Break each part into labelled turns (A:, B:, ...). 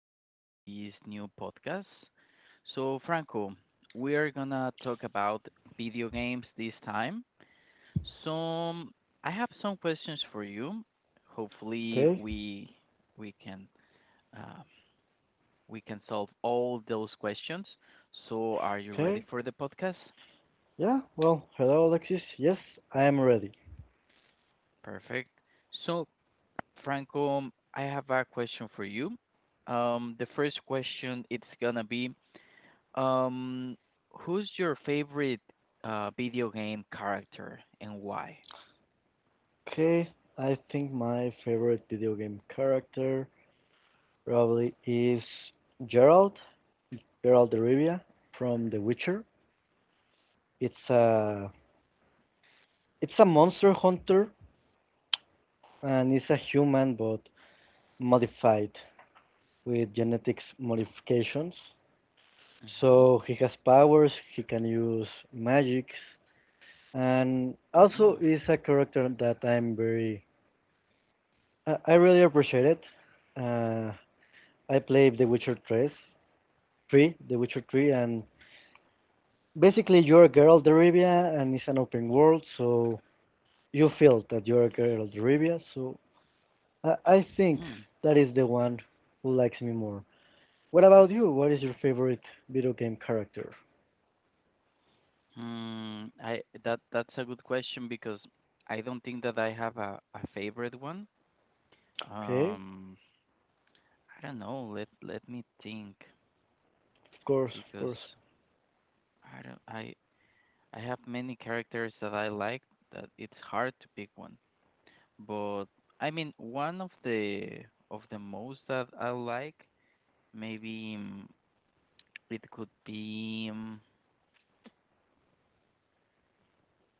A: us in this new podcast. So, Franco, we are gonna talk about video games this time. So, I have some questions for you. Hopefully,
B: Okay,
A: we can uh, we can solve all those questions. So, are you ready
B: okay.
A: for the podcast?
B: Yeah, well, hello, Alexis. Yes, I am ready.
A: Perfect. So, Franco, I have a question for you. The first question it's gonna be Um, who's your favorite video game character and why?
B: Okay, I think my favorite video game character probably is Gerald, Gerald de Rivia from The Witcher. It's a monster hunter, and it's a human but modified with genetics modifications.
A: Mhm.
B: So he has powers, he can use magics, and also
A: Mm.
B: is a character that I really appreciate it. Uh, I played The Witcher 3, and basically you're a girl of the Rivia, and it's an open world, so you feel that you're a girl of the Rivia. So I think
A: Hmm.
B: that is the one who likes me more. What about you? What is your favorite video game character?
A: Hmm. I that's a good question because I don't think that I have a favorite one.
B: Okay,
A: Um, I don't know. Let me think
B: of course, of
A: because
B: course.
A: I don't I have many characters that I like that it's hard to pick one. But I mean, one of the most that I like maybe. mm, it could be,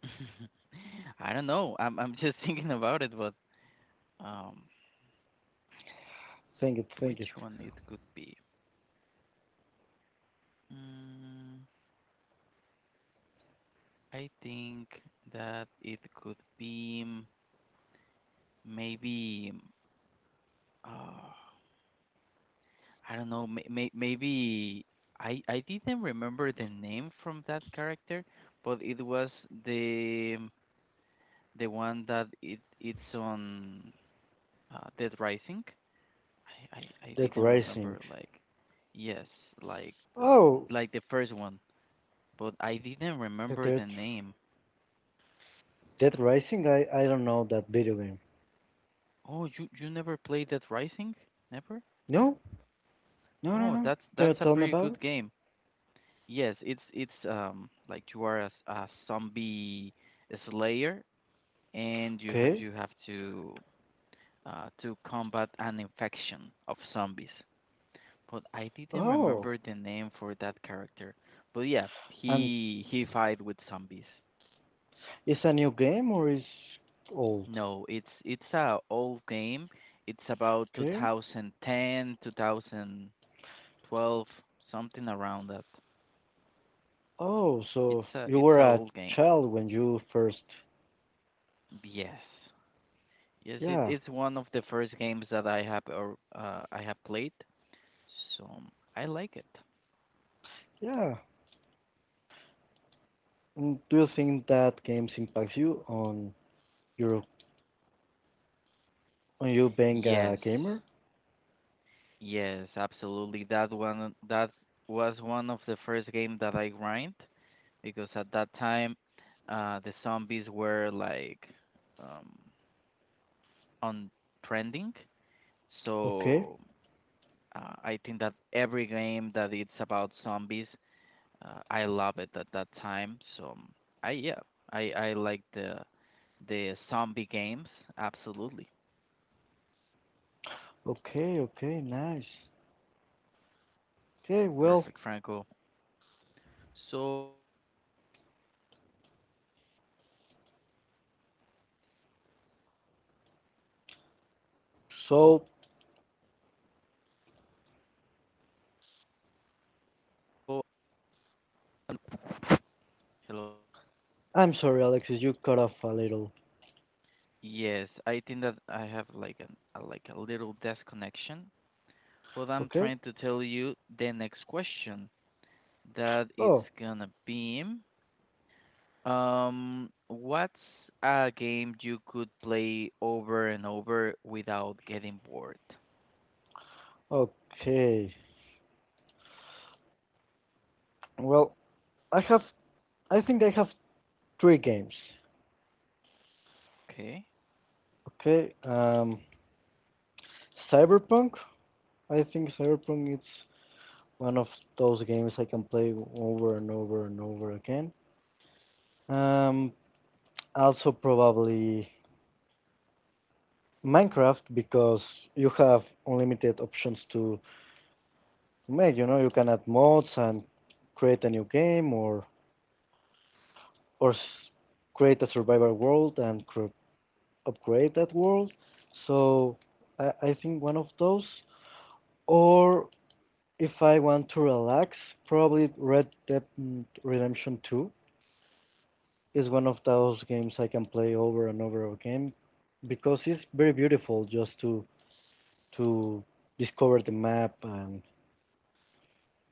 A: I don't know. I'm just thinking about it, but um,
B: Think it, think it.
A: which one it could be? Mm, I think that it could be maybe. Uh, I don't know. Maybe I didn't remember the name from that character, but it was the um, the one that it's on Dead Rising. I
B: Dead
A: didn't
B: Rising.
A: remember like yes, like
B: Oh,
A: like the first one, but I didn't
B: the
A: remember
B: Dead,
A: the name.
B: Dead Rising. I don't know that video game.
A: Oh, you never played that Rising? Never?
B: No, no, no,
A: Oh,
B: no.
A: that's
B: Can you
A: that's a
B: tell me
A: pretty
B: about
A: good
B: it?
A: game. Yes, it's like you are a zombie slayer and you have
B: Okay.
A: you have to combat an infection of zombies. But I didn't
B: Oh,
A: remember the name for that character. But yeah,
B: and
A: he fight with zombies.
B: it's a new game or is old?
A: No, it's a old game. It's about
B: Okay.
A: 2010, 2012, something around that.
B: Oh, so
A: It's a
B: you
A: it's
B: were
A: a
B: a
A: old game.
B: child when you first.
A: Yes. Yes,
B: Yeah,
A: it's one of the first games that I have or I have played. So I like it.
B: yeah. Do you think that games impacts you your on you being a
A: Yes.
B: gamer?
A: Yes, absolutely. That one that was one of the first game that I grind because at that time the zombies were like um on trending.
B: Okay,
A: So I think that every game that it's about zombies, I love it at that time. So I yeah, I like the zombie games absolutely.
B: okay, okay. Nice. Okay. Well,
A: Perfect, Franco. So
B: so
A: hello.
B: I'm sorry, Alexis. You cut off a little.
A: Yes, I think that I have like like a little disconnection, but I'm
B: Okay.
A: trying to tell you the next question that it's
B: Oh,
A: gonna be. What's a game you could play over and over without getting bored?
B: okay. Well, I have. I think I have three games.
A: Okay,
B: Okay. Cyberpunk? I think Cyberpunk is one of those games I can play over and over and over again. Um, Also probably Minecraft, because you have unlimited options to make. You know, you can add mods and create a new game or create a survival world and upgrade that world. So I think one of those. Or if I want to relax, probably Red Dead Redemption 2 is one of those games I can play over and over again, because it's very beautiful just to discover the map and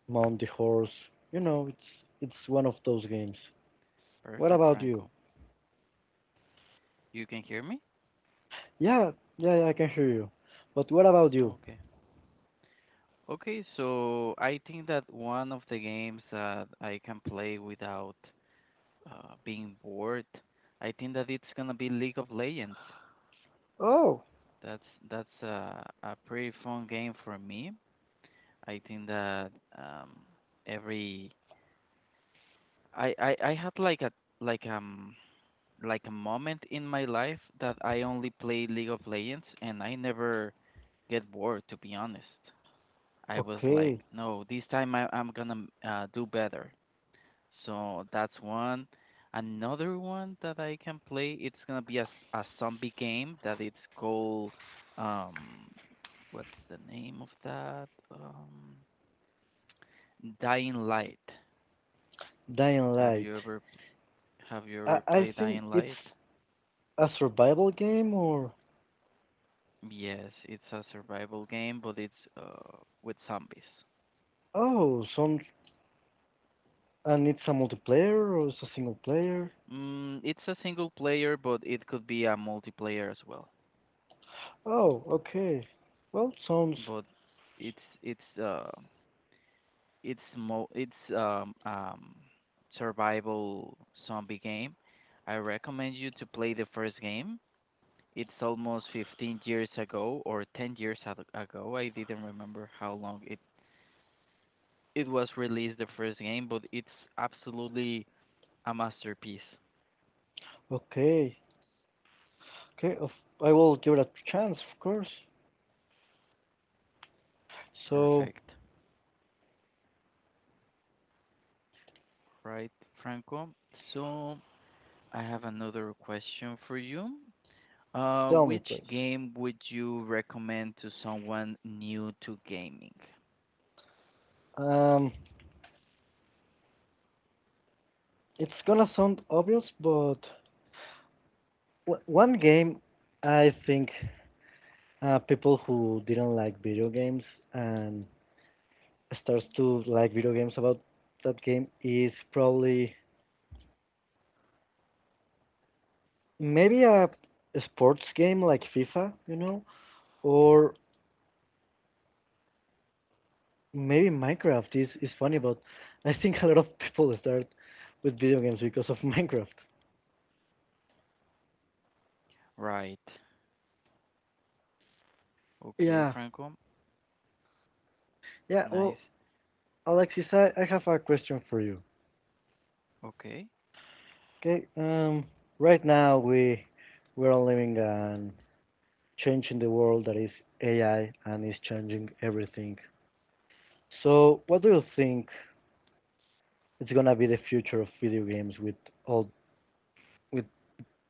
B: mount the horse. You know, it's one of those games. What
A: perfect,
B: about you?
A: Franco. You can hear me?
B: Yeah, yeah, yeah, I can hear you. But what about you?
A: Okay. Okay, so I think that one of the games that I can play without being bored, I think that it's gonna be League of Legends.
B: Oh,
A: That's a pretty fun game for me. I think that um, every I had like a like like a moment in my life that I only play League of Legends and I never get bored to be honest. I was like,
B: okay.
A: no, this time I'm gonna do better. So that's one. Another one that I can play, it's gonna be a zombie game that it's called um what's the name of that? Dying Light.
B: Dying
A: Have
B: Light.
A: you ever have you
B: I
A: ever
B: I
A: played
B: think
A: Dying
B: it's
A: Light?
B: a survival game, or
A: Yes, it's a survival game, but it's with zombies.
B: oh, some and it's a multiplayer or it's a single player.
A: It's a single player, but it could be a multiplayer as well.
B: Oh, okay. Well, sounds
A: But it's it's uh, it's mo it's survival zombie game. I recommend you to play the first game. It's almost 15 years ago or 10 ago. I didn't remember how long it was released the first game, but it's absolutely a masterpiece.
B: okay. Okay, I will give it a chance, of course. So
A: Perfect. Right, Franco. So I have another question for you.
B: tell me,
A: Which
B: please.
A: game would you recommend to someone new to gaming?
B: Um, it's gonna sound obvious, but one game I think people who didn't like video games and starts to like video games about that game is probably maybe a sports game like FIFA, you know, or maybe Minecraft is funny, but I think a lot of people start with video games because of Minecraft.
A: Right. Okay,
B: Yeah,
A: Franco.
B: yeah.
A: Nice.
B: Well, Alexis, I have a question for you.
A: Okay.
B: Okay, right now we are living and changing the world that is AI, and is changing everything. So, what do you think is gonna be the future of video games all with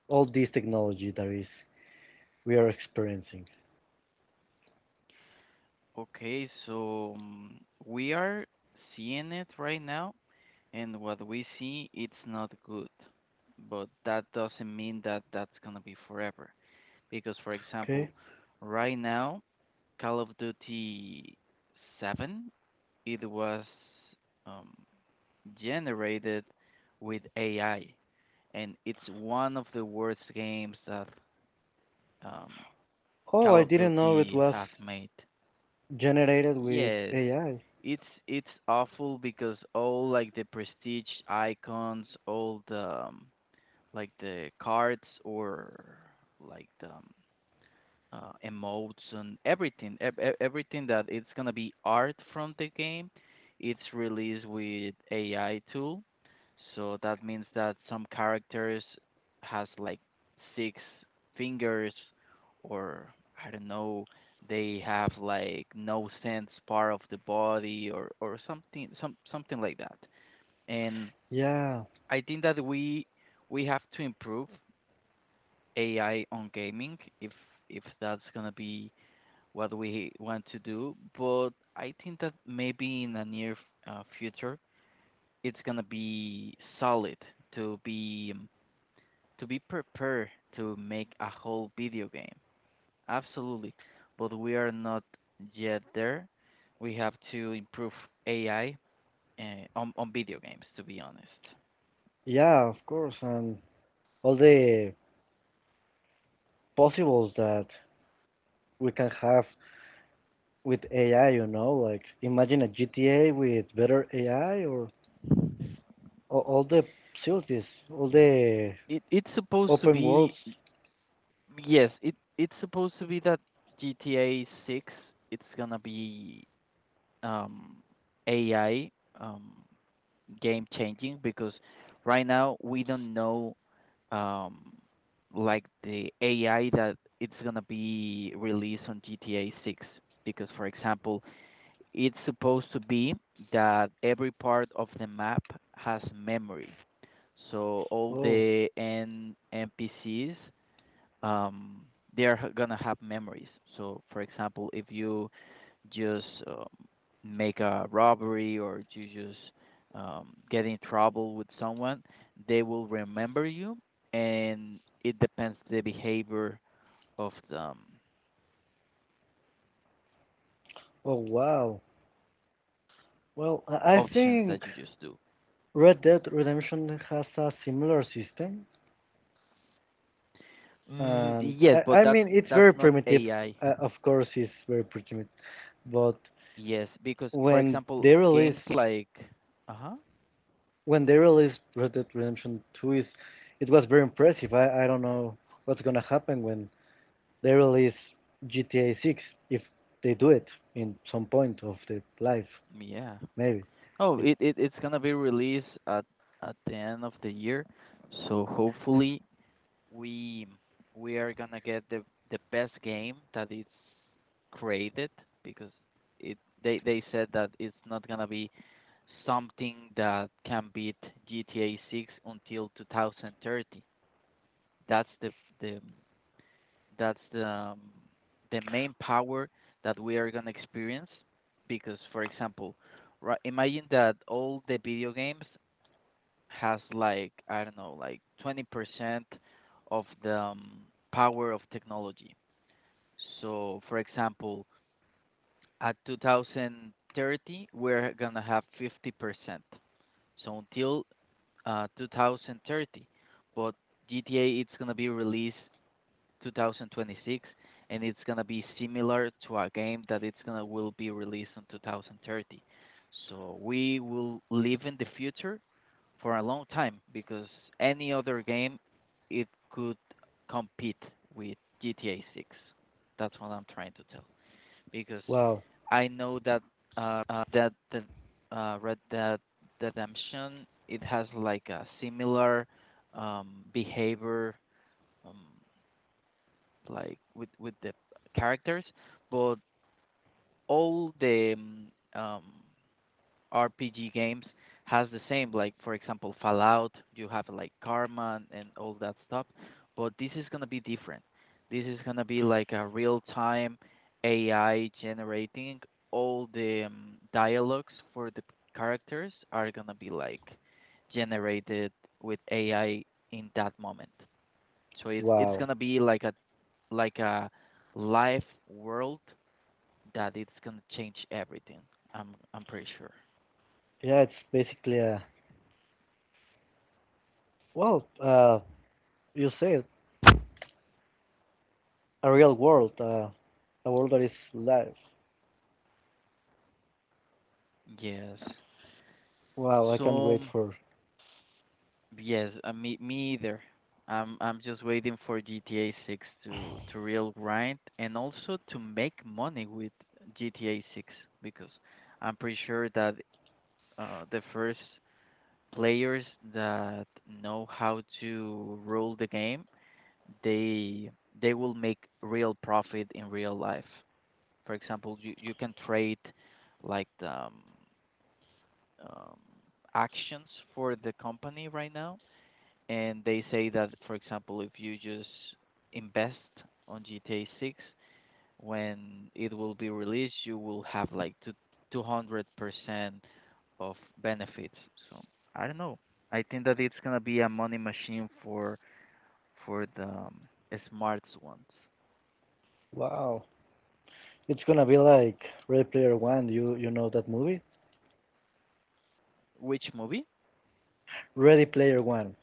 B: all this technology that is we are experiencing?
A: Okay, so we are seeing it right now, and what we see, it's not good. But that doesn't mean that that's gonna be forever. Because, for example,
B: Okay.
A: right now, Call of Duty 7, it was um, generated with AI, and it's one of the worst games that um,
B: Oh,
A: Call
B: I
A: of
B: didn't know it
A: Duty
B: was
A: have made.
B: generated with
A: Yes,
B: AI.
A: it's it's awful because all like the prestige icons, all the like the cards or like the emotes and everything, everything that it's gonna be art from the game. It's released with AI tool, so that means that some characters has like six fingers, or I don't know, they have like no sense part of the body or something, something like that. And
B: Yeah,
A: I think that we have to improve AI on gaming if that's gonna be what we want to do. But I think that maybe in the future, it's gonna be solid to be um, to be prepared to make a whole video game. Absolutely, but we are not yet there. We have to improve AI uh, on video games. To be honest,
B: yeah, of course, and all the possibles that we can have with AI, you know, like imagine a GTA with better AI, or all the facilities, all the
A: it's supposed to
B: open
A: be
B: worlds.
A: yes. It's supposed to be that GTA Six. It's gonna be um, AI um, game changing because right now we don't know um, like the AI that it's gonna be released on GTA 6 because, for example, it's supposed to be that every part of the map has memory. So all
B: Oh,
A: the N NPCs um, they are gonna have memories. So, for example, if you just make a robbery or you just get in trouble with someone, they will remember you, and it depends the behavior of the
B: oh, wow. Well,
A: options that
B: I
A: you just do.
B: think Red Dead Redemption has a similar system, and
A: Yes,
B: I,
A: but
B: I
A: that's
B: mean it's very
A: that's not
B: primitive.
A: AI.
B: Of course, it's very primitive, but
A: Yes, because for
B: when
A: example,
B: they
A: games
B: release
A: like uh huh,
B: when they released Red Dead Redemption 2 is it was very impressive. I don't know what's gonna happen when they release GTA 6, if they do it in some point of their life,
A: yeah.
B: maybe.
A: Oh,
B: It,
A: it's gonna be released at the end of the year, so hopefully we we are gonna get the best game that is created because it they said that it's not gonna be something that can beat GTA 6 until 2030. That's the the that's the main power that we are gonna experience because, for example, right, imagine that all the video games has like I don't know, like 20% of the power of technology. So, for example, at 2030, we're gonna have 50%. So until 2030, but GTA it's gonna be released 2026, and it's gonna be similar to a game that it's gonna will be released in 2030. So we will live in the future for a long time because any other game it could compete with GTA 6. That's what I'm trying to tell because
B: wow,
A: I know that that the Red Dead Redemption it has like a similar behavior um, like with the characters, but all the um, RPG games has the same. Like for example, Fallout, you have like karma and all that stuff. But this is gonna be different. This is gonna be like a real time AI generating all the dialogues for the characters are gonna be like generated with AI in that moment. So it's
B: wow.
A: gonna be like a live world that it's gonna change everything. I'm pretty sure.
B: Yeah, it's basically a, well, you say it, a real world, uh, a world that is live.
A: Yes.
B: Wow, I can't
A: So
B: wait for.
A: yes, me either. I'm just waiting for GTA 6 to real grind and also to make money with GTA 6 because I'm pretty sure that the first players that know how to rule the game, they they will make real profit in real life. For example, you can trade like the um, actions for the company right now and they say that, for example, if you just invest on GTA 6 when it will be released, you will have like two 200% of benefits. So I don't know. I think that it's gonna be a money machine for the smarts ones.
B: Wow. It's gonna be like Ready Player One. You know that movie?
A: Which movie?
B: Ready Player One.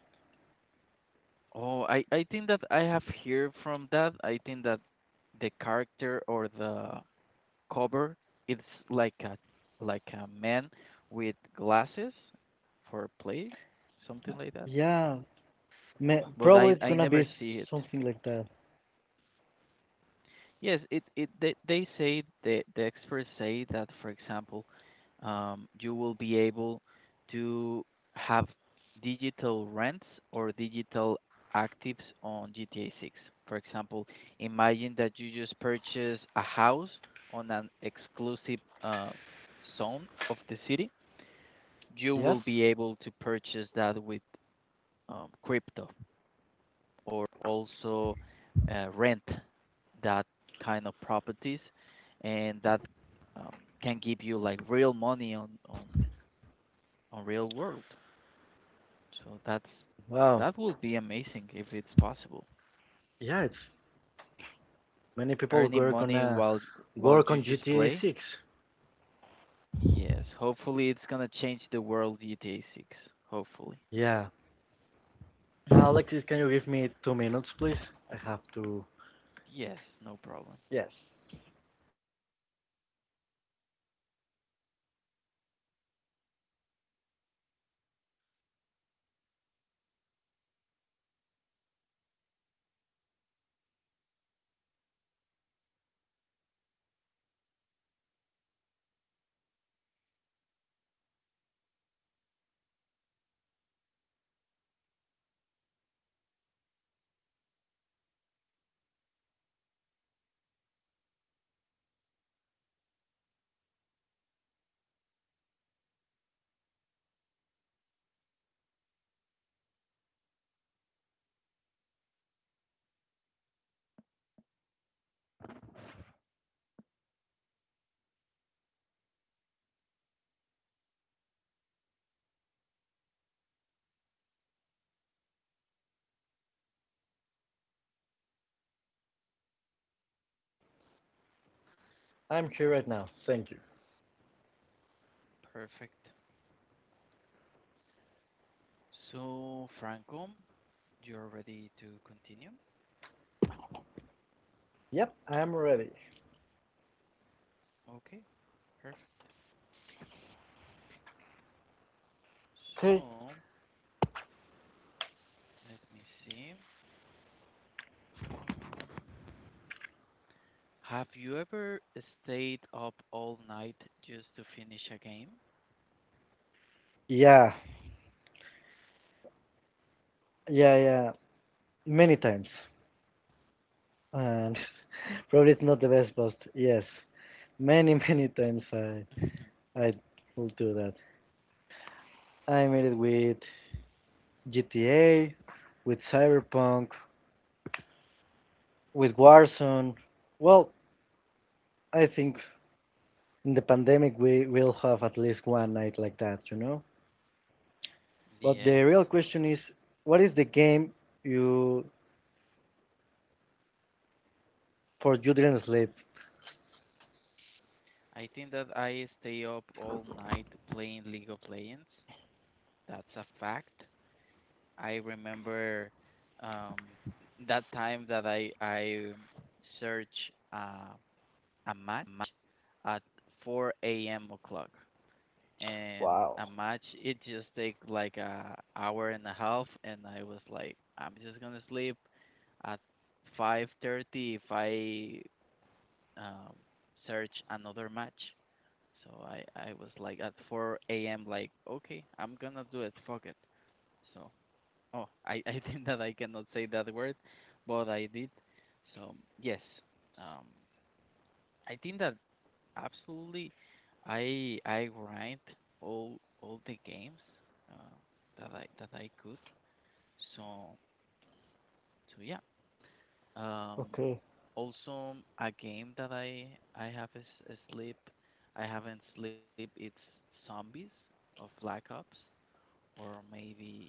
A: Oh, I think that I have heard from that. I think that the character or the cover it's like a like a man with glasses for play, something like that.
B: Yeah,
A: But
B: probably it's
A: I
B: gonna
A: never
B: be
A: see it.
B: something like that.
A: Yes, it they say the experts say that for example, you will be able to have digital rents or digital actives on GTA 6. For example, imagine that you just purchase a house on an exclusive zone of the city you
B: Yes.
A: will be able to purchase that with crypto or also rent that kind of properties and that um, can give you like real money on on real world so that's
B: Wow.
A: that will be amazing if it's possible
B: Yeah, it's Many people
A: earning
B: were
A: money
B: gonna
A: while
B: work
A: you
B: on
A: just
B: GTA
A: play
B: 6.
A: yes hopefully it's going to change the world GTA 6 hopefully
B: Yeah. Alexis, can you give me 2 minutes, please? I have to.
A: yes no problem
B: Yes, I'm here right now. Thank you.
A: perfect so franco you're ready to continue?
B: Yep, I'm ready.
A: Okay, perfect.
B: Okay.
A: So let me see. Um, have you ever stayed up all night just to finish a game?
B: Yeah, yeah, yeah. Many times. And probably it's not the best, but yes, many, many times I I will do that. I made it with GTA, with Cyberpunk, with Warzone. Well, I think in the pandemic we will have at least one night like that, you know. But the real
A: Yes.
B: question is, what is the game you for you didn't sleep?
A: I think that I stay up all night playing League of Legends. That's a fact. I remember um, that time that I search uh, a match at 4 a.m. o'clock. And a match it just take like a hour and a half, and I was like, I'm just gonna sleep at 5:30 if I um, search another match. So I was like at 4 a.m., like, okay, I'm gonna do it, fuck it. So oh, I I think that I cannot say that word, but I did. So yes, um I think that absolutely I grind all the games uh, that I could. So so yeah. Um
B: Okay.
A: Also a game that I have is sleep, I haven't sleep, it's Zombies of Black Ops, or maybe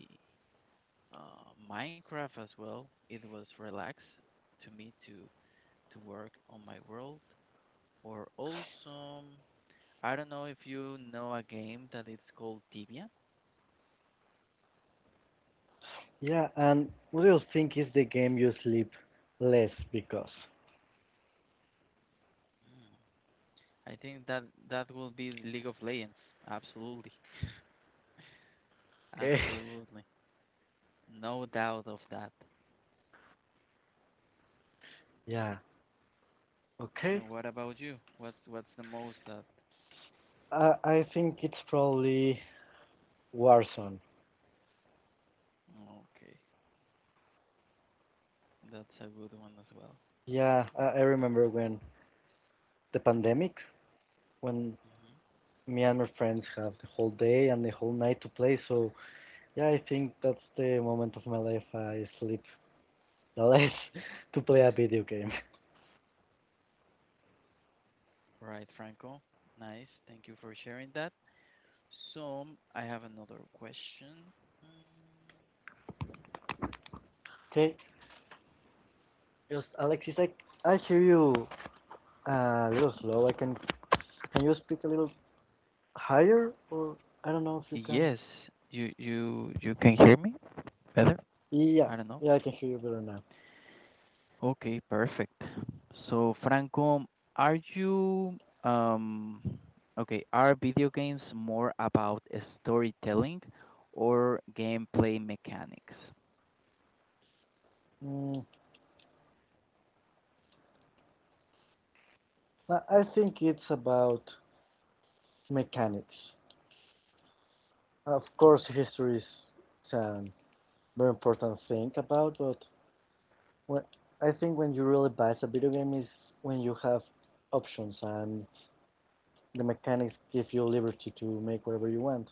A: Minecraft as well. It was relax to me to work on my world, or also I don't know if you know a game that it's called Tibia.
B: Yeah, and what do you think is the game you sleep less because?
A: Mm. I think that that will be League of Legends. Absolutely.
B: Okay.
A: Absolutely. No doubt of that.
B: Yeah, okay.
A: And what about you? What's the most that?
B: I think it's probably Warzone.
A: Okay. That's a good one as well.
B: Yeah, I remember the pandemic, when
A: Hmm.
B: me and my friends have the whole day and the whole night to play. So yeah, I think that's the moment of my life I sleep now to play a video game.
A: Right, Franco. Nice. Thank you for sharing that. So, I have another question. Mm,
B: Okay, just Alexis, I hear you a little slow. I can you speak a little higher, or I don't know if you can.
A: yes, you can hear me better?
B: Yeah,
A: I don't know.
B: yeah, I can hear you better now.
A: Okay, perfect. So, Franco, are you um okay, are video games more about storytelling or gameplay mechanics?
B: Mm, I think it's about mechanics. Of course, history is a very important thing about, but when, I think when you really buy a video game is when you have options and the mechanics give you liberty to make whatever you want.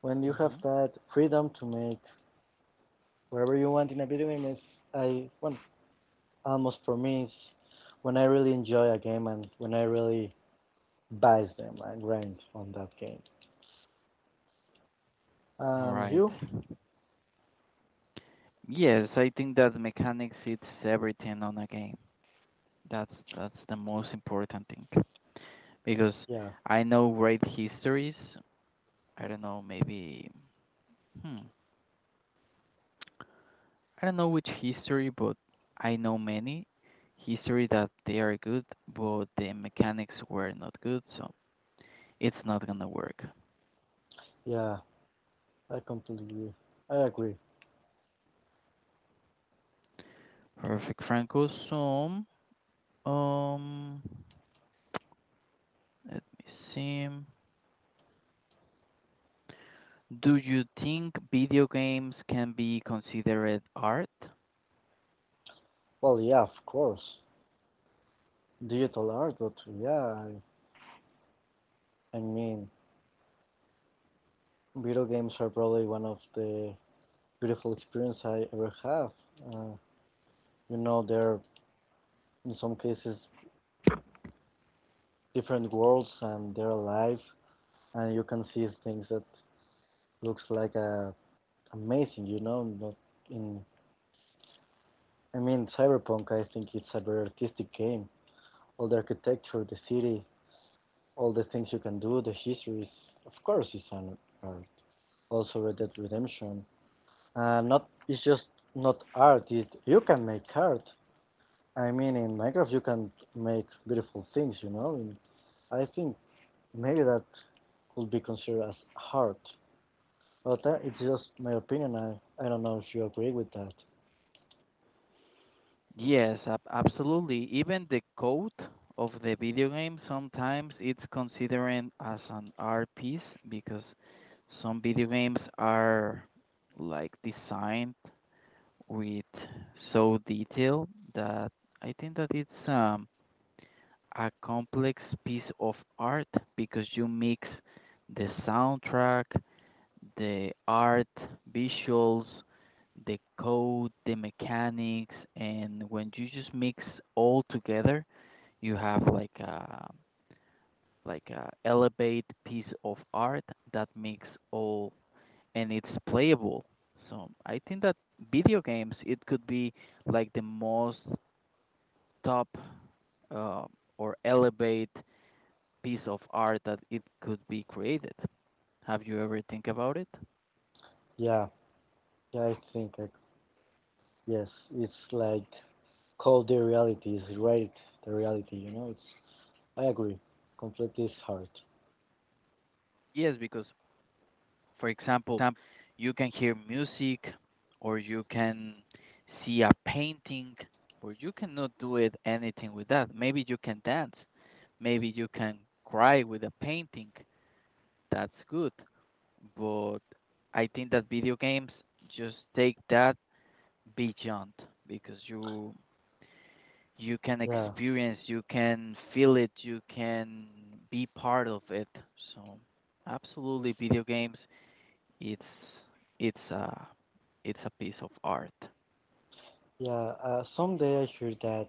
B: When you have
A: Mhm.
B: that freedom to make whatever you want in a video game is I well almost for me is when I really enjoy a game, and when I really buy them and grind on that game. And
A: Right.
B: you?
A: Yes, I think that mechanics it's everything on a game. That's the most important thing. Because
B: Yeah,
A: I know great histories, I don't know, maybe hmm. I don't know which history, but I know many history that they are good, but the mechanics were not good, so it's not gonna work.
B: yeah, I completely I agree.
A: Perfect, Franco. So, um, let me see. Do you think video games can be considered art?
B: Well, yeah, of course. Digital art, but yeah, I mean video games are probably one of the beautiful experience I ever have. Uh, you know, they're in some cases different worlds, and they're alive, and you can see things that looks like amazing, you know, not in, I mean, Cyberpunk I think it's a very artistic game. All the architecture, the city, all the things you can do, the history is, of course, it's an art. Also Red Dead Redemption. Not, it's just not art, it you can make art. I mean, in Minecraft you can make beautiful things, you know. And I think maybe that could be considered as art. Well, that it's just my opinion. I don't know if you agree with that.
A: Yes, absolutely. Even the code of the video game sometimes it's considered as an art piece, because some video games are like designed with so detail that I think that it's a complex piece of art, because you mix the soundtrack, the art, visuals, the code, the mechanics, and when you just mix all together, you have like a elevate piece of art that makes all, and it's playable. So I think that video games it could be like the most top uh, or elevate piece of art that it could be created. Have you ever think about it?
B: Yeah, yeah, I think I, yes, it's like called the reality is right. The reality, you know, it's I agree. Completely is hard.
A: Yes, because for example, you can hear music, or you can see a painting, but you cannot do it anything with that. Maybe you can dance, maybe you can cry with a painting. That's good. But I think that video games just take that beyond, because you can
B: Yeah,
A: experience, you can feel it, you can be part of it. So absolutely, video games it's it's a it's a piece of art.
B: yeah. Someday I heard that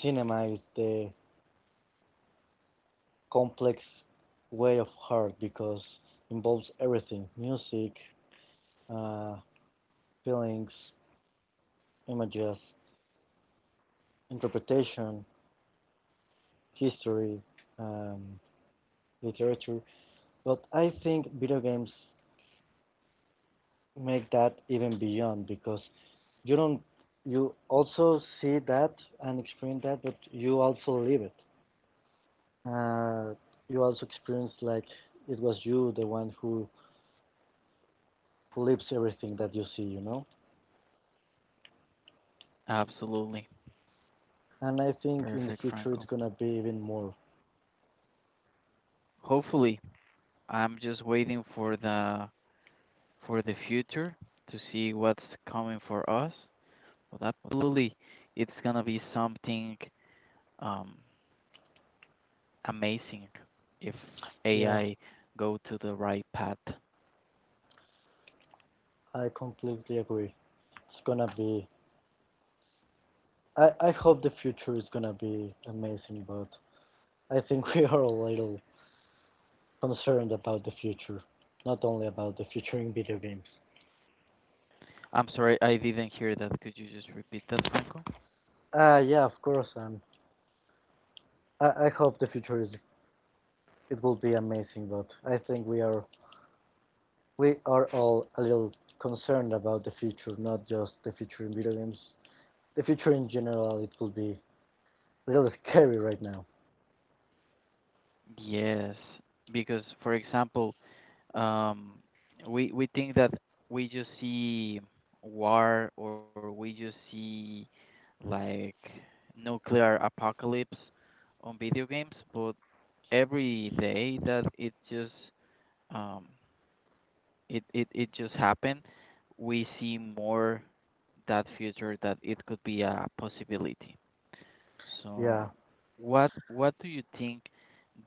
B: cinema is the complex way of art, because involves everything: music, uh, feelings, images, interpretation, history, um, literature. But I think video games make that even beyond, because you don't, you also see that and experience that, but you also live it. Uh, you also experience like it was you, the one who lives everything that you see, you know.
A: Absolutely.
B: And I think in the
A: Perfect,
B: future it's
A: Franco.
B: gonna be even more.
A: Hopefully, I'm just waiting for the future to see what's coming for us. But absolutely, it's gonna be something um, amazing if
B: Yeah,
A: AI go to the right path.
B: I completely agree. It's gonna be. I hope the future is gonna be amazing, but I think we are a little concerned about the future, not only about the future in video games.
A: I'm sorry, I didn't hear that. Could you just repeat that, Franco?
B: Yeah, of course. I hope the future is it will be amazing, but I think we are all a little concerned about the future, not just the future in video games. The future in general, it will be a little scary right now.
A: Yes, because for example, um, we think that we just see war, or we just see like nuclear apocalypse on video games, but every day that it just um it just happened, we see more that future that it could be a possibility. So,
B: Yeah,
A: what do you think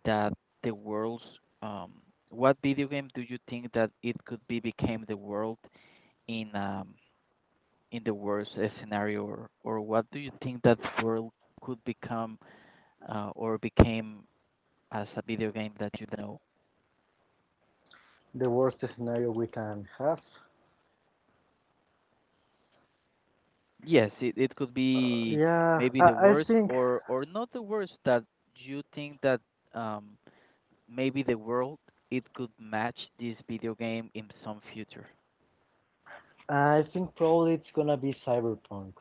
A: that the world's um what video game do you think that it could be became the world in um in the worst scenario, or what do you think that world could become or became as a video game that you know?
B: the worst scenario we can have.
A: Yes, it could
B: Uh,
A: be
B: yeah,
A: maybe the
B: I
A: worst,
B: think
A: or not the worst, that you think that um maybe the world it could match this video game in some future.
B: I think probably it's gonna be cyberpunk.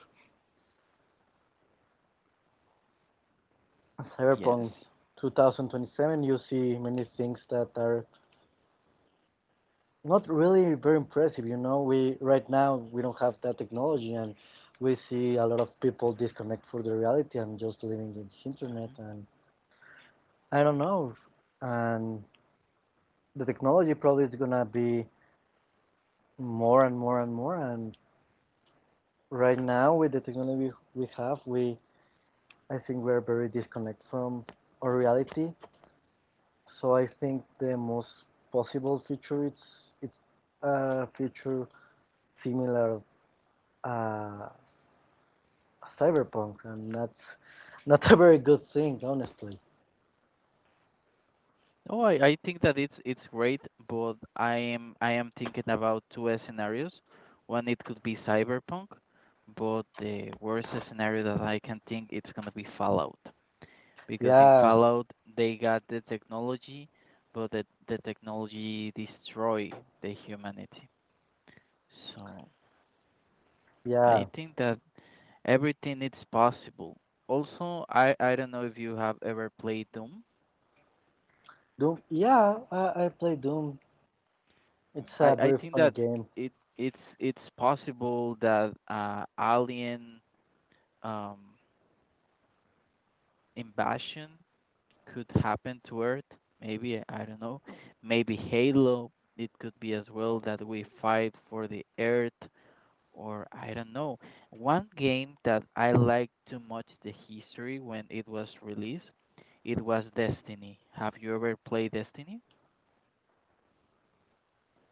A: Yes.
B: Cyberpunk 2027, you see many things that are not really very impressive. You know, we right now we don't have that technology, and we see a lot of people disconnect from the reality and just living in the internet.
A: Hmm.
B: And I don't know. And the technology probably is gonna be more and more and more. And right now, with the technology we have, we I think we're very disconnect from our reality. So I think the most possible future it's a future similar uh cyberpunk, and that's not a very good thing honestly.
A: Oh, I think that it's great, but I am thinking about two scenarios. One, it could be cyberpunk, but the worst scenario that I can think it's gonna be Fallout, because in
B: Yeah,
A: Fallout they got the technology, but the technology destroy the humanity. So I
B: yeah.
A: think that everything is possible. Also, I don't know if you have ever played Doom.
B: Doom, yeah, I play Doom. It's
A: I
B: a
A: I
B: very
A: think
B: funny
A: that
B: game.
A: it's possible that alien um, invasion could happen to Earth. Maybe I don't know. Maybe Halo. It could be as well that we fight for the Earth, or I don't know. One game that I liked too much the history when it was released, it was Destiny. Have you ever played Destiny?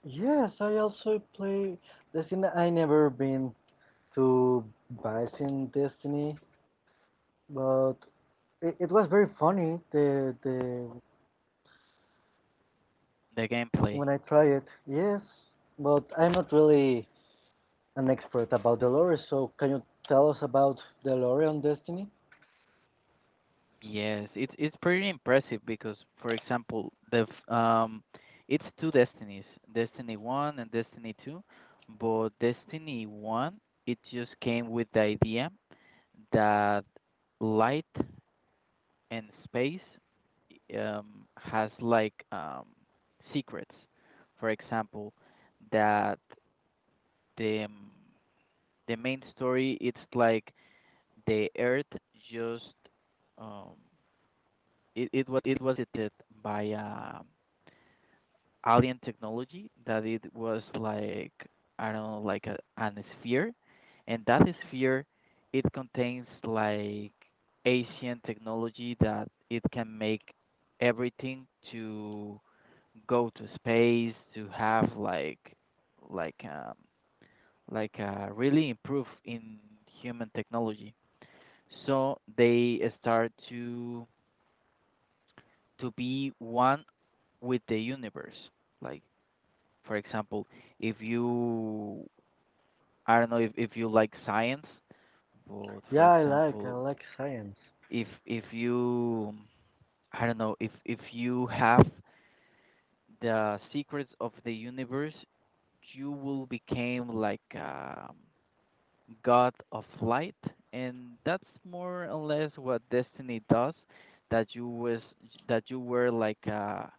B: Yes, I also play Destiny. I never been to Vice in Destiny, but it was very funny. The
A: The gameplay.
B: When I try it, yes, but I'm not really an expert about the lore, so can you tell us about the lore on Destiny?
A: Yes, it's pretty impressive because, for example, the it's two destinies, Destiny One and Destiny Two, but Destiny One it just came with the idea that light and space has like secrets. For example, that the um, the main story it's like the Earth just um it was detected by alien technology that it was like I don't know like a, an sphere, and that sphere it contains like ancient technology that it can make everything to go to space to have like like um really improve in human technology, so they start to be one with the universe. Like, for example, if you, I don't know if you like science, but for
B: Yeah, I like, I
A: example,
B: like science.
A: if you, I don't know, if you have the secrets of the universe, you will become like god of light, and that's more or less what destiny does. That you was that you were like a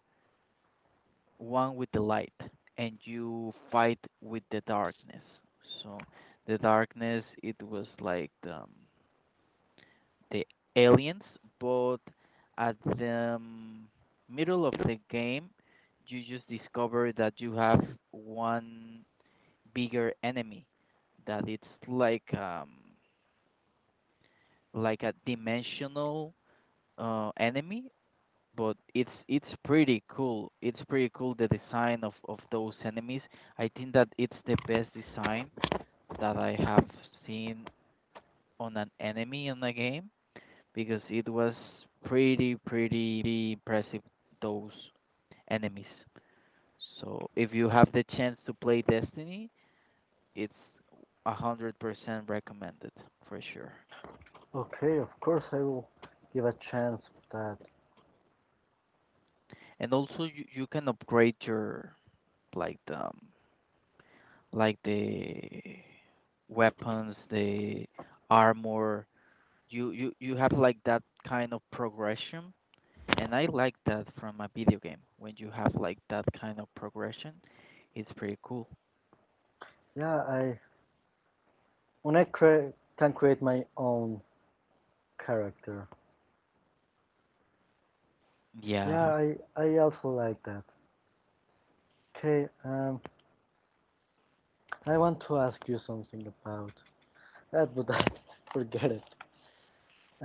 A: one with the light, and you fight with the darkness. So the darkness it was like the aliens, but at the middle of the game you just discover that you have one bigger enemy that it's like like a dimensional enemy, but it's pretty cool. It's pretty cool the design of those enemies. I think that it's the best design that I have seen on an enemy in the game, because it was pretty impressive those enemies. So if you have the chance to play Destiny, it's 100% recommended for sure.
B: Okay, of course I will give a chance to that.
A: And also you can upgrade your like the like the weapons, the armor. You have like that kind of progression, and I like that from a video game. When you have like that kind of progression, it's pretty cool.
B: Yeah, I can create my own character.
A: Yeah,
B: Yeah, I also like that. Okay, I want to ask you something about that, but I forget it.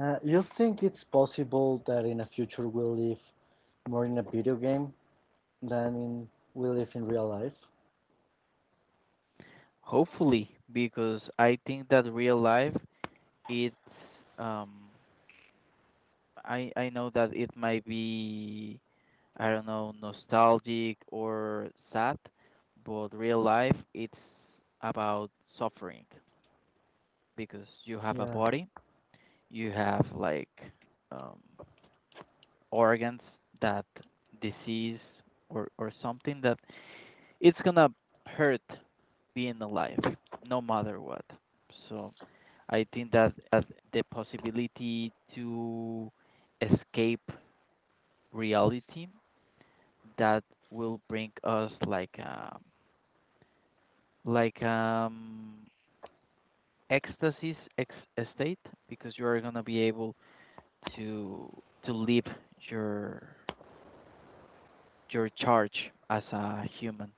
B: You think it's possible that in the future we'll live more in a video game than in we live in real life?
A: hopefully, because I think that real life it's um I know that it might be I don't know nostalgic or sad, but real life it's about suffering, because you have a
B: Yeah,
A: body, you have like um, organs that disease, or something that it's gonna hurt, being alive no matter what. So I think that the possibility to escape reality, that will bring us like like um ecstasis state, because you are going to be able to live your charge as a human,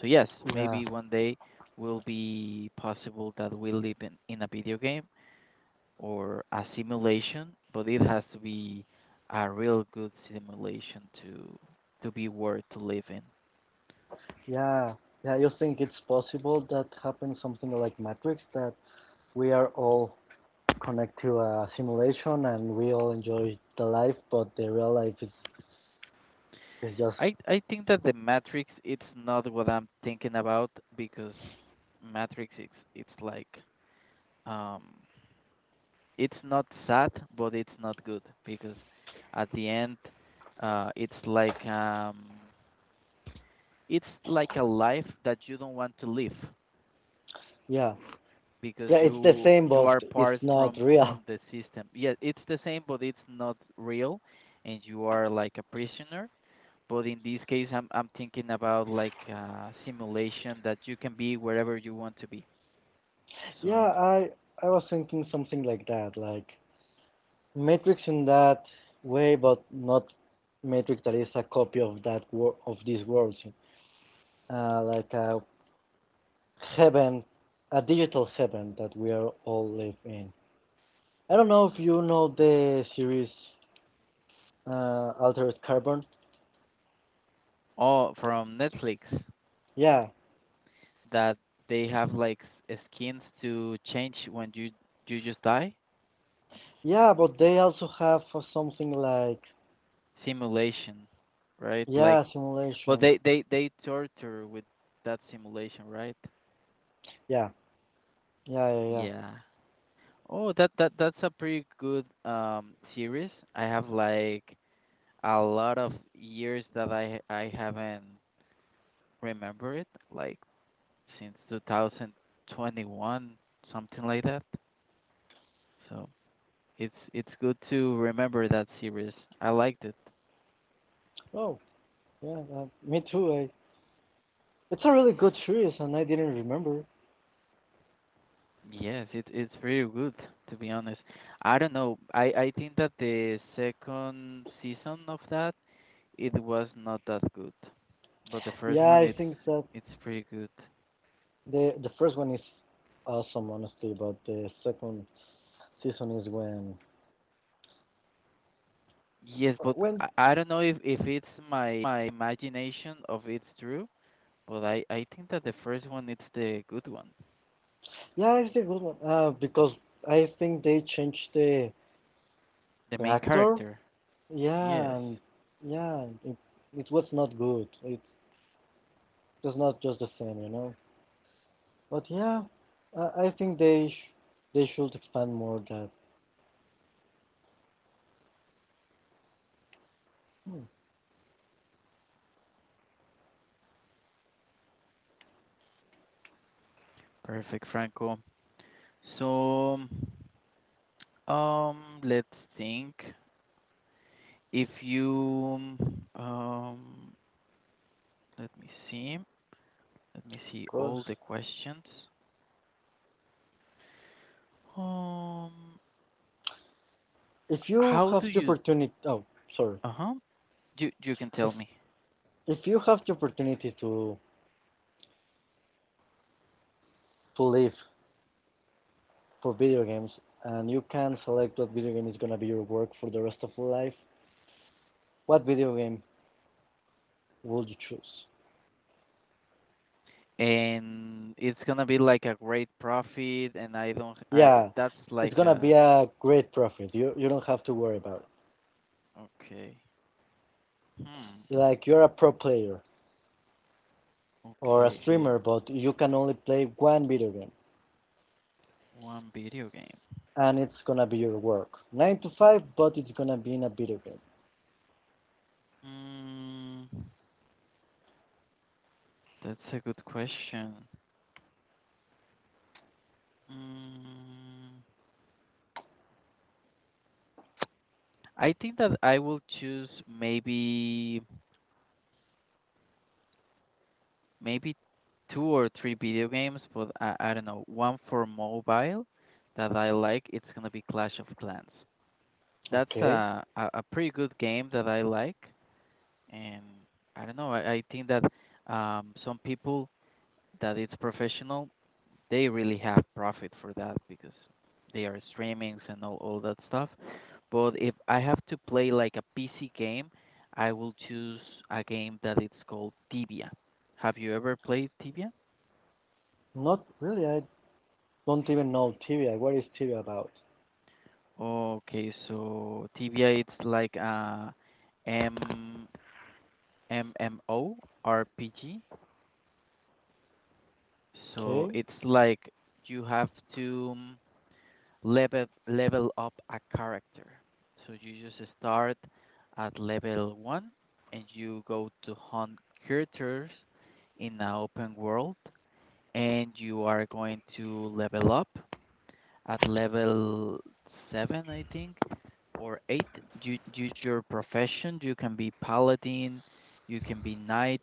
A: so yes,
B: yeah,
A: maybe one day will be possible that we live in a video game, or a simulation, but it has to be a real good simulation to be worth to live in.
B: yeah, yeah. You think it's possible that happens something like Matrix, that we are all connected to a simulation and we all enjoy the life, but the real life is is just.
A: I think that the Matrix it's not what I'm thinking about, because Matrix it's like um it's not sad, but it's not good, because at the end uh it's like um it's like a life that you don't want to live,
B: Yeah,
A: because
B: yeah. It's the same,
A: you
B: but
A: are
B: it's
A: part
B: not
A: from
B: real.
A: the system. Yeah, it's the same, but it's not real, and you are like a prisoner. But in this case, I'm thinking about like simulation that you can be wherever you want to be.
B: Yeah,
A: So,
B: I I was thinking something like that, like Matrix in that way, but not Matrix that is a copy of that wor- of these worlds, like a heaven, a digital heaven that we are all live in. I don't know if you know the series Altered Carbon.
A: oh, from Netflix,
B: Yeah,
A: that they have like skins to change when you just die.
B: yeah, but they also have something like
A: Simulation, right? Like,
B: yeah,
A: but
B: simulation.
A: they they torture with that simulation, right?
B: Yeah, yeah, yeah, yeah.
A: Yeah. Oh, that's a pretty good series. I have like a lot of years that I haven't remember it. Like since 2021, something like that. So it's good to remember that series. I liked it.
B: Oh, yeah, me too. It's a really good series, and I didn't remember.
A: Yes, it it's pretty good, to be honest. I don't know. I think that the second season of that it was not that good, but the first
B: Yeah,
A: one
B: I think that
A: it's pretty good.
B: the first one is awesome, honestly, but the second season is when
A: Yes, but
B: when
A: I don't know if it's my my imagination of it's true, but I think that the first one it's the good one,
B: yeah, it's a good one. Because I think they changed
A: the
B: the
A: main
B: actor.
A: character.
B: Yeah,
A: Yes,
B: and yeah, it was not good. It was not just the same, you know. But yeah, I think they should expand more that. Hmm, of
A: perfect, Franco. So, let's think. If you, um, let me see, let me see all the
B: course,
A: questions. Um,
B: if you
A: how
B: have
A: do
B: the
A: you,
B: opportunity, oh sorry,
A: uh-huh, you can tell
B: if
A: me.
B: if you have the opportunity to live for video games, and you can select what video game is gonna be your work for the rest of your life, what video game will you choose?
A: And it's gonna be like a great profit, and I don't, I
B: Yeah,
A: that's
B: it's
A: like
B: gonna
A: a,
B: be a great profit. You don't have to worry about
A: okay, hmm,
B: it. Like you're a pro player or a
A: okay, okay,
B: streamer, but you can only play one video game,
A: one video game.
B: and it's gonna be your work. Nine to five, but it's gonna be in a video game.
A: Mm. That's a good question. Mm, I think that I will choose maybe maybe two or three video games, but I don't know. One for mobile that I like, it's gonna be Clash of Clans. That's
B: Okay.
A: a pretty good game that I like, and I don't know. I think that some people that it's professional they really have profit for that because they are streamings and all that stuff. But if I have to play like a PC game, I will choose a game that it's called Tibia. Have you ever played Tibia?
B: Not really. I don't even know TVA. What is TVA about?
A: Okay, so Tibia it's like a M MMORPG. So
B: Okay.
A: it's like you have to level up a character. So you just start at level one and you go to hunt characters in an open world and you are going to level up at level seven I think or eight. You use your profession. You can be paladin, you can be knight,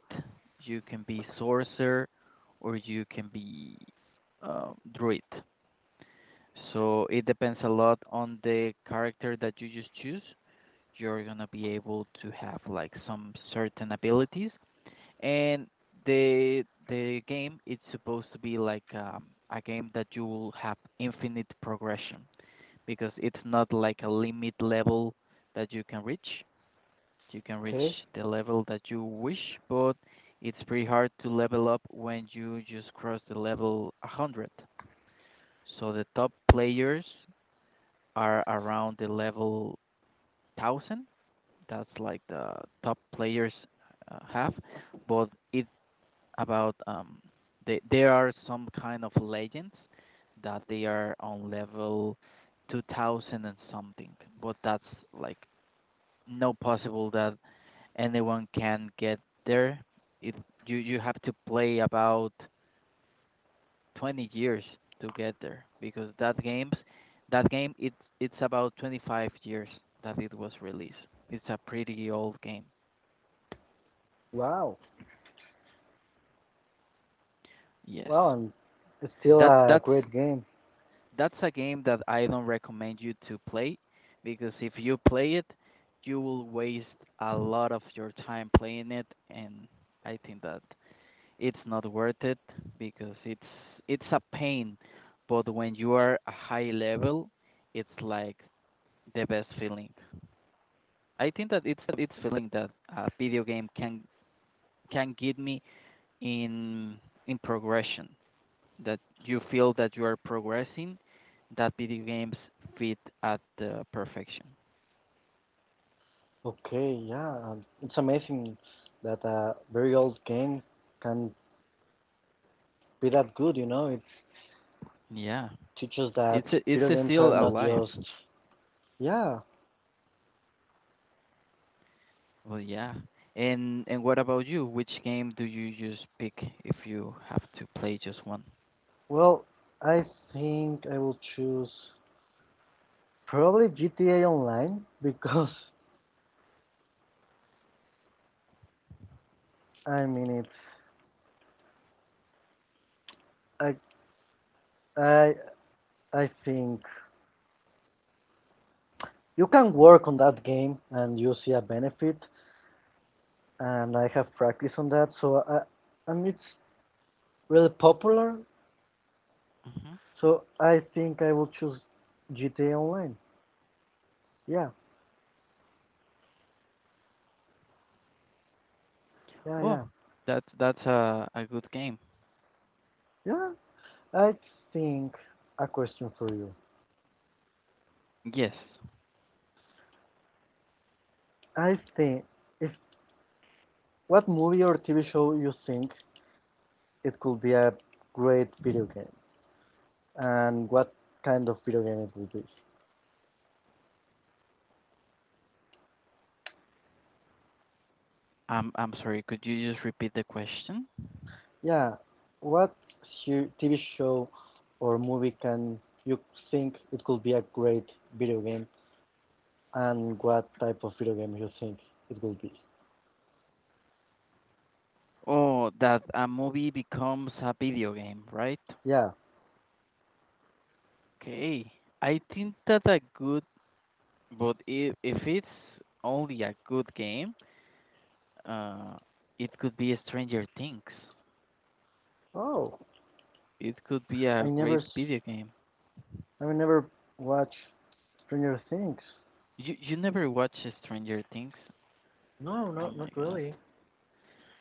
A: you can be sorcerer, or you can be druid. So it depends a lot on the character that you just choose. You're gonna be able to have like some certain abilities, and the game it's supposed to be like a game that you will have infinite progression because it's not like a limit level that you can reach. You can reach
B: Okay.
A: the level that you wish, but it's pretty hard to level up when you just cross the level 100. So the top players are around the level 1000. That's like the top players have, but it about there are some kind of legends that they are on level 2000 and something, but that's like no possible that anyone can get there. It You have to play about 20 years to get there because that game it's about 25 years that it was released. It's a pretty old game.
B: Wow.
A: Yes.
B: Wow. And it's still
A: That
B: a
A: that's
B: great game.
A: that's a game that I don't recommend you to play because if you play it, you will waste a lot of your time playing it and I think that it's not worth it because it's a pain, but when you are a high level, it's like the best feeling. I think that it's feeling that a video game can give me in progression that you feel that you are progressing that video games fit at the perfection.
B: Okay, yeah, it's amazing that a very old game can be that good, you know? It
A: Yeah,
B: teaches that
A: it's it's
B: video
A: a
B: games are
A: still
B: not
A: alive.
B: just. Yeah,
A: Well, yeah. And what about you? Which game do you just pick if you have to play just one?
B: well, I think I will choose probably GTA Online because, I mean, it's. I, I, I think you can work on that game and you see a benefit, and I have practice on that, and it's really popular.
A: Hmm.
B: So I think I will choose GTA Online. Yeah, yeah,
A: Oh,
B: yeah,
A: that's a good game.
B: yeah. I think a question for you.
A: Yes.
B: I think if What movie or TV show you think it could be a great video game, and what kind of video game it would be?
A: I'm sorry. Could you just repeat the question?
B: Yeah, what TV show or movie can you think it could be a great video game, and what type of video game you think it will be?
A: Oh, that a movie becomes a video game, right?
B: Yeah.
A: Okay. I think that a good, but if it's only a good game, uh, it could be Stranger Things.
B: Oh,
A: It could be
B: I
A: a
B: never
A: great video game.
B: I mean, never watch Stranger Things.
A: You never watch Stranger Things?
B: No,
A: Oh
B: no,
A: my
B: not
A: God.
B: really.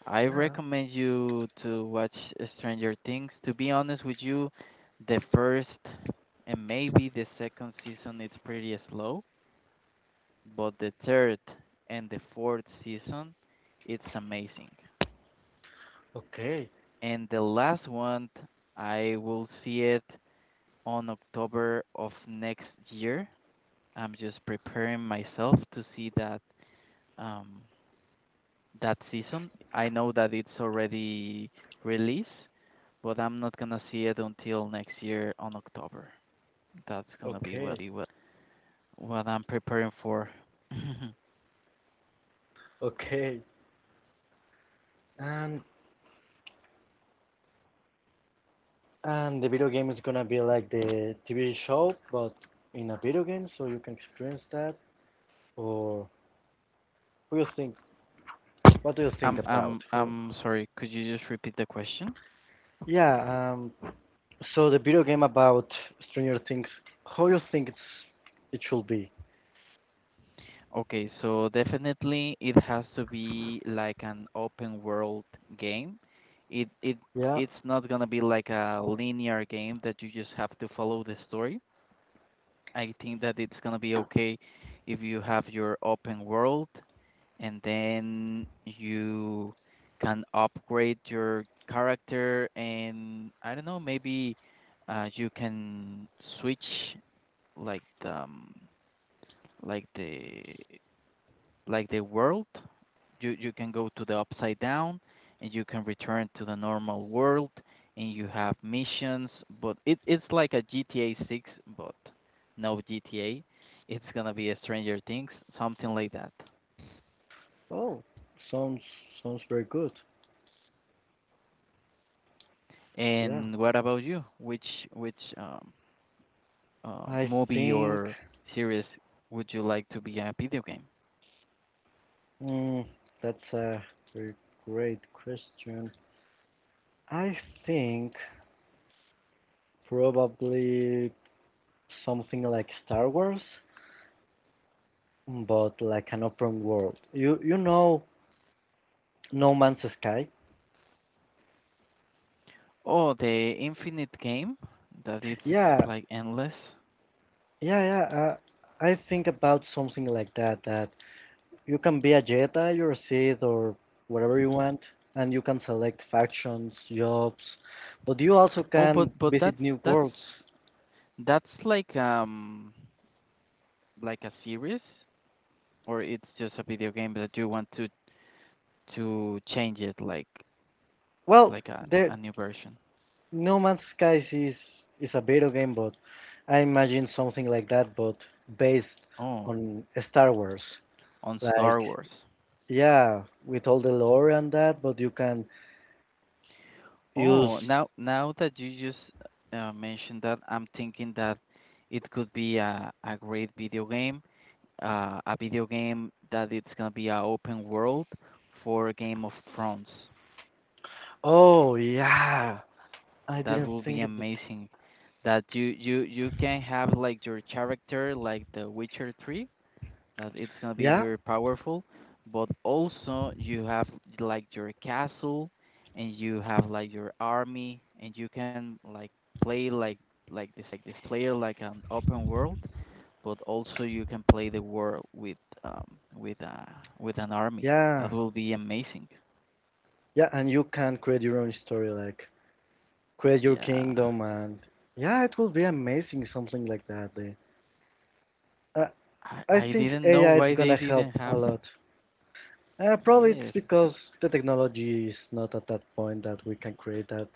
A: I
B: Yeah.
A: recommend you to watch Stranger Things. To be honest with you, the first and maybe the second season it's pretty slow. But the third and the fourth season, it's amazing.
B: Okay.
A: And the last one, I will see it on October of next year. I'm just preparing myself to see that um, that season. I know that it's already released, but I'm not gonna see it until next year on October. That's gonna be
B: Okay.
A: what I'm preparing for.
B: Okay. And and the video game is gonna be like the TV show, but in a video game, so you can experience that. Or what do you think? What do you think
A: I'm I'm
B: about? Who?
A: I'm sorry. Could you just repeat the question?
B: Yeah. So the video game about Stranger Things. How you think it should be?
A: Okay, so definitely it has to be like an open world game. It it
B: Yeah.
A: it's not gonna be like a linear game that you just have to follow the story. I think that it's gonna be okay if you have your open world and then you can upgrade your character and I don't know, maybe you can switch like the like the like the world. You can go to the upside down and you can return to the normal world and you have missions, but it's like a GTA 6, but no GTA. It's gonna be a Stranger Things, something like that.
B: Oh, sounds sounds very good. Yeah.
A: And what about you? Which
B: I
A: movie
B: think.
A: or series would you like to be a video game?
B: Mm, that's a very great question. I think probably something like Star Wars, but like an open world. You know No Man's Sky?
A: Oh, the infinite game that it's
B: Yeah,
A: like endless.
B: yeah, yeah. I think about something like that. That you can be a Jedi or a Sith or whatever you
A: Hmm.
B: want, and you can select factions, jobs, but you also
A: Oh, but
B: can
A: but
B: visit new
A: that's
B: worlds.
A: that's like a series or it's just a video game that you want to change it like
B: Well, there
A: a new version.
B: No Man's Skies is a video game, but I imagine something like that, but based
A: Oh,
B: on Star Wars.
A: on
B: Like,
A: Star Wars.
B: yeah, with all the lore and that, but you can use.
A: Oh, now that you just mentioned that, I'm thinking that it could be a great video game, a video game that it's gonna be a open world for Game of Thrones.
B: Oh yeah, I
A: That
B: didn't
A: will be
B: think about.
A: amazing. That you can have like your character like the Witcher 3, that it's gonna be
B: Yeah,
A: very powerful, but also you have like your castle and you have like your army and you can like play like like this player like an open world, but also you can play the world with um with uh with an army. That
B: yeah,
A: will be amazing.
B: yeah, and you can create your own story, like create your
A: Yeah.
B: kingdom, and yeah, it will be amazing, something like that. Eh. I
A: I
B: I
A: I
B: think
A: didn't know
B: AI it's
A: why they
B: gonna help
A: didn't
B: a
A: have.
B: lot. Probably it's
A: Yes,
B: because the technology is not at that point that we can create that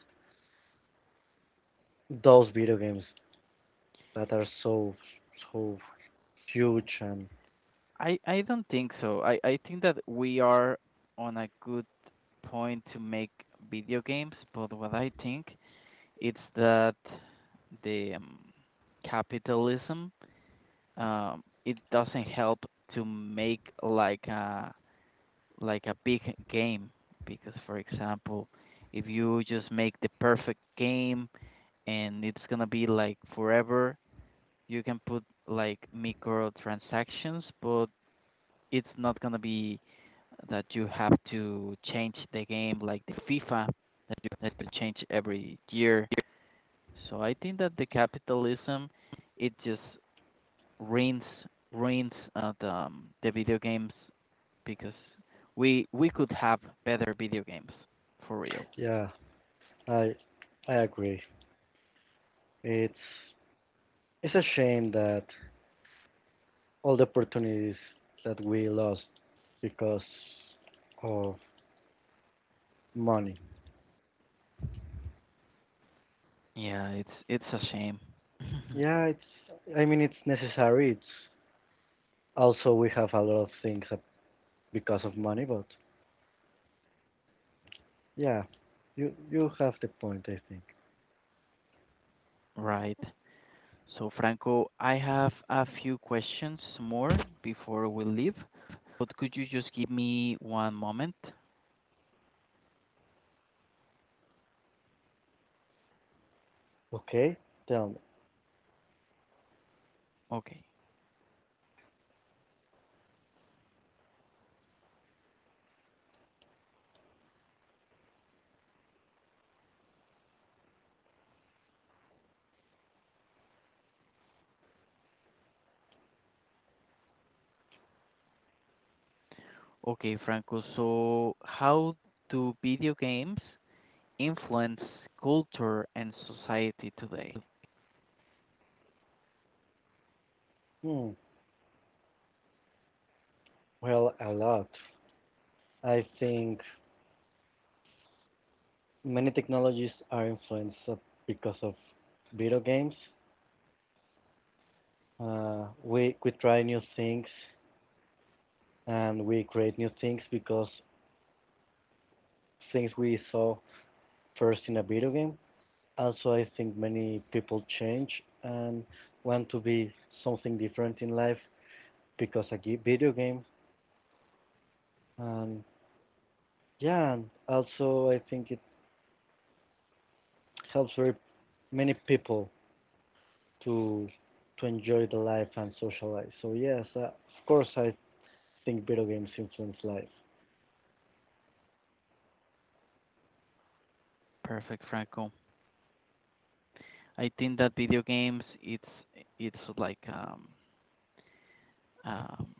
B: those video games that are so so huge and
A: I don't think so. I think that we are on a good point to make video games, but what I think it's that the capitalism it doesn't help to make like a big game because for example, if you just make the perfect game and it's going to be like forever, you can put like microtransactions, but it's not gonna be that you have to change the game like the FIFA that you have to change every year. So I think that the capitalism it just ruins ruins the video games because we could have better video games for real.
B: yeah, I I agree. It's it's a shame that all the opportunities that we lost because of money.
A: Yeah, it's a shame.
B: Yeah, it's I mean it's necessary. It's also we have a lot of things up because of money, but yeah, you have the point, I think.
A: Right. So, Franco, I have a few questions more before we leave, but could you just give me one moment?
B: Okay, tell me.
A: Okay. Okay, Franco. So, how do video games influence culture and society today?
B: Hmm, well, a lot. I think many technologies are influenced because of video games. We try new things and we create new things because things we saw first in a video game. Also, I think many people change and want to be something different in life because a video game. And yeah, and also I think it helps very many people to to enjoy the life and socialize. So yes, of course I think video games influence life.
A: Perfect, Franco. I think that video games it's like um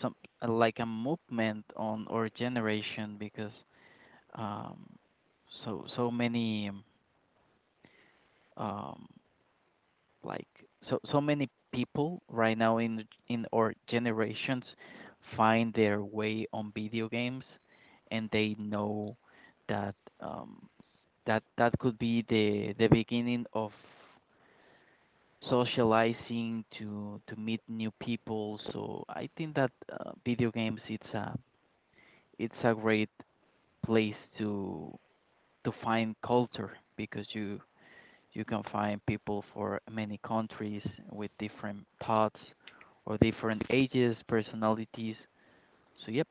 A: some like a movement on our generation because um so many um, like so many people right now in our generations find their way on video games, and they know that that that could be the beginning of socializing to meet new people. So I think that video games it's a great place to find culture because you can find people for many countries with different thoughts or different ages, personalities. So yep,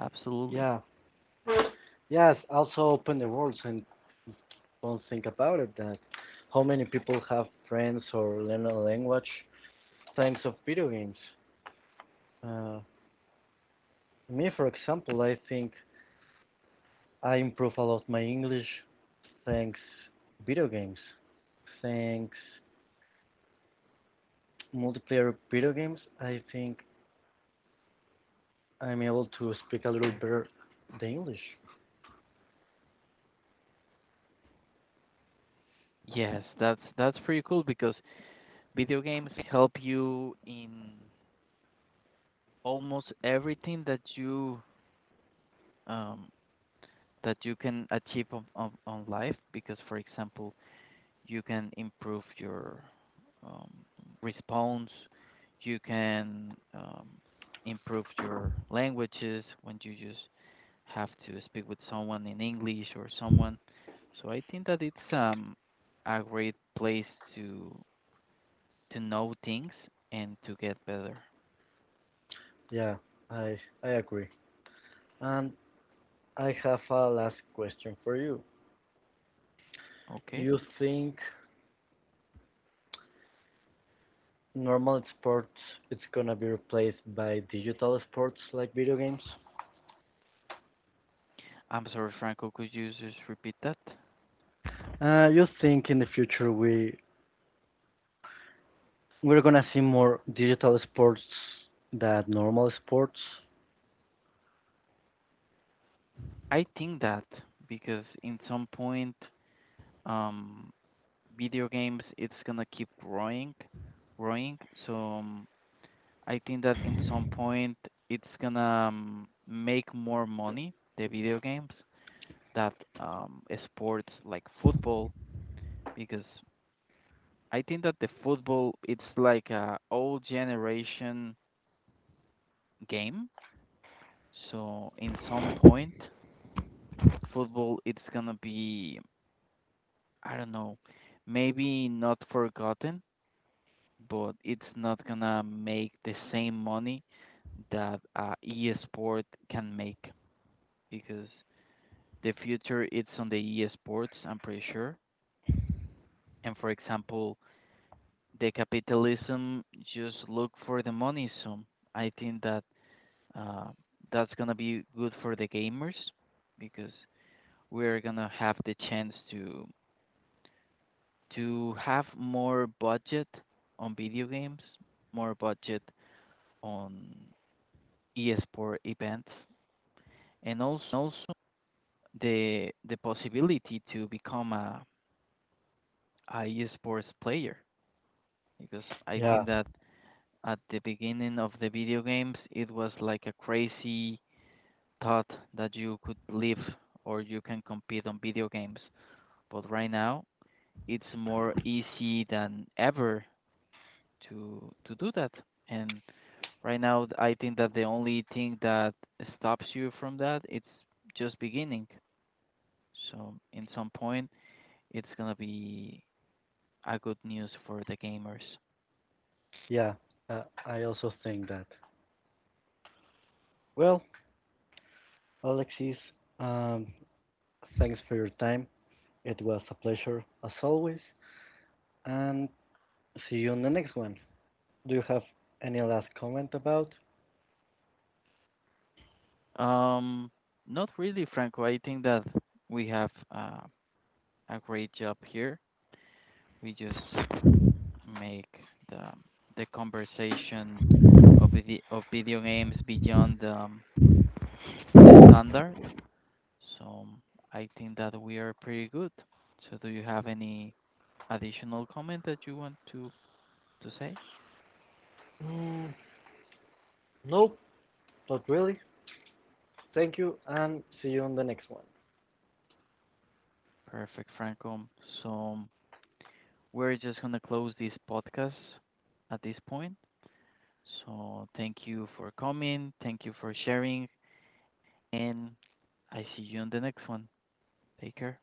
A: absolutely.
B: Yeah. Yes, also open the world and don't think about it that how many people have friends or learn a language thanks of video games. Uh, Me for example, I think I improve a lot my English thanks video games. Thanks multiplayer video games, I think I'm able to speak a little better the English.
A: Yes, that's pretty cool because video games help you in almost everything um that you can achieve on, on life because for example, you can improve your um, response, you can improve your languages when you use have to speak with someone in English or someone. So I think that it's a great place to know things and to get better.
B: Yeah, I agree. And I have a last question for you.
A: Okay.
B: You think normal sports it's gonna be replaced by digital sports like video games?
A: I'm sorry, Franco, could you just repeat that?
B: You think in the future we're gonna see more digital sports than normal sports?
A: I think that because in some point um video games it's gonna keep growing, growing. So I think that in some point it's gonna make more money the video games that sports like football because I think that the football it's like a old generation game. So in some point, football it's gonna be I don't know, maybe not forgotten, but it's not gonna make the same money that e-sport can make because the future it's on the e-sports. I'm pretty sure. And for example, the capitalism just look for the money. So I think that uh, that's gonna be good for the gamers because we're gonna have the chance to have more budget on video games, more budget on esport events, and also the possibility to become a esports player because I
B: Yeah,
A: think that at the beginning of the video games, it was like a crazy thought that you could live or you can compete on video games. But right now, it's more easy than ever to do that. And right now, I think that the only thing that stops you from that it's just beginning. So in some point, it's gonna be a good news for the gamers.
B: yeah. I also think that. Well, Alexis, um, thanks for your time. It was a pleasure as always, and see you on the next one. Do you have any last comment about?
A: Um, not really, Franco. I think that we have a great job here. We just make the the conversation of the of video games beyond the standard. So I think that we are pretty good. So do you have any additional comment that you want to say?
B: Mm, nope, not really. Thank you, and see you on the next one.
A: Perfect, Franco. So we're just gonna close this podcast at this point. So thank you for coming. Thank you for sharing, and I see you on the next one. Take care.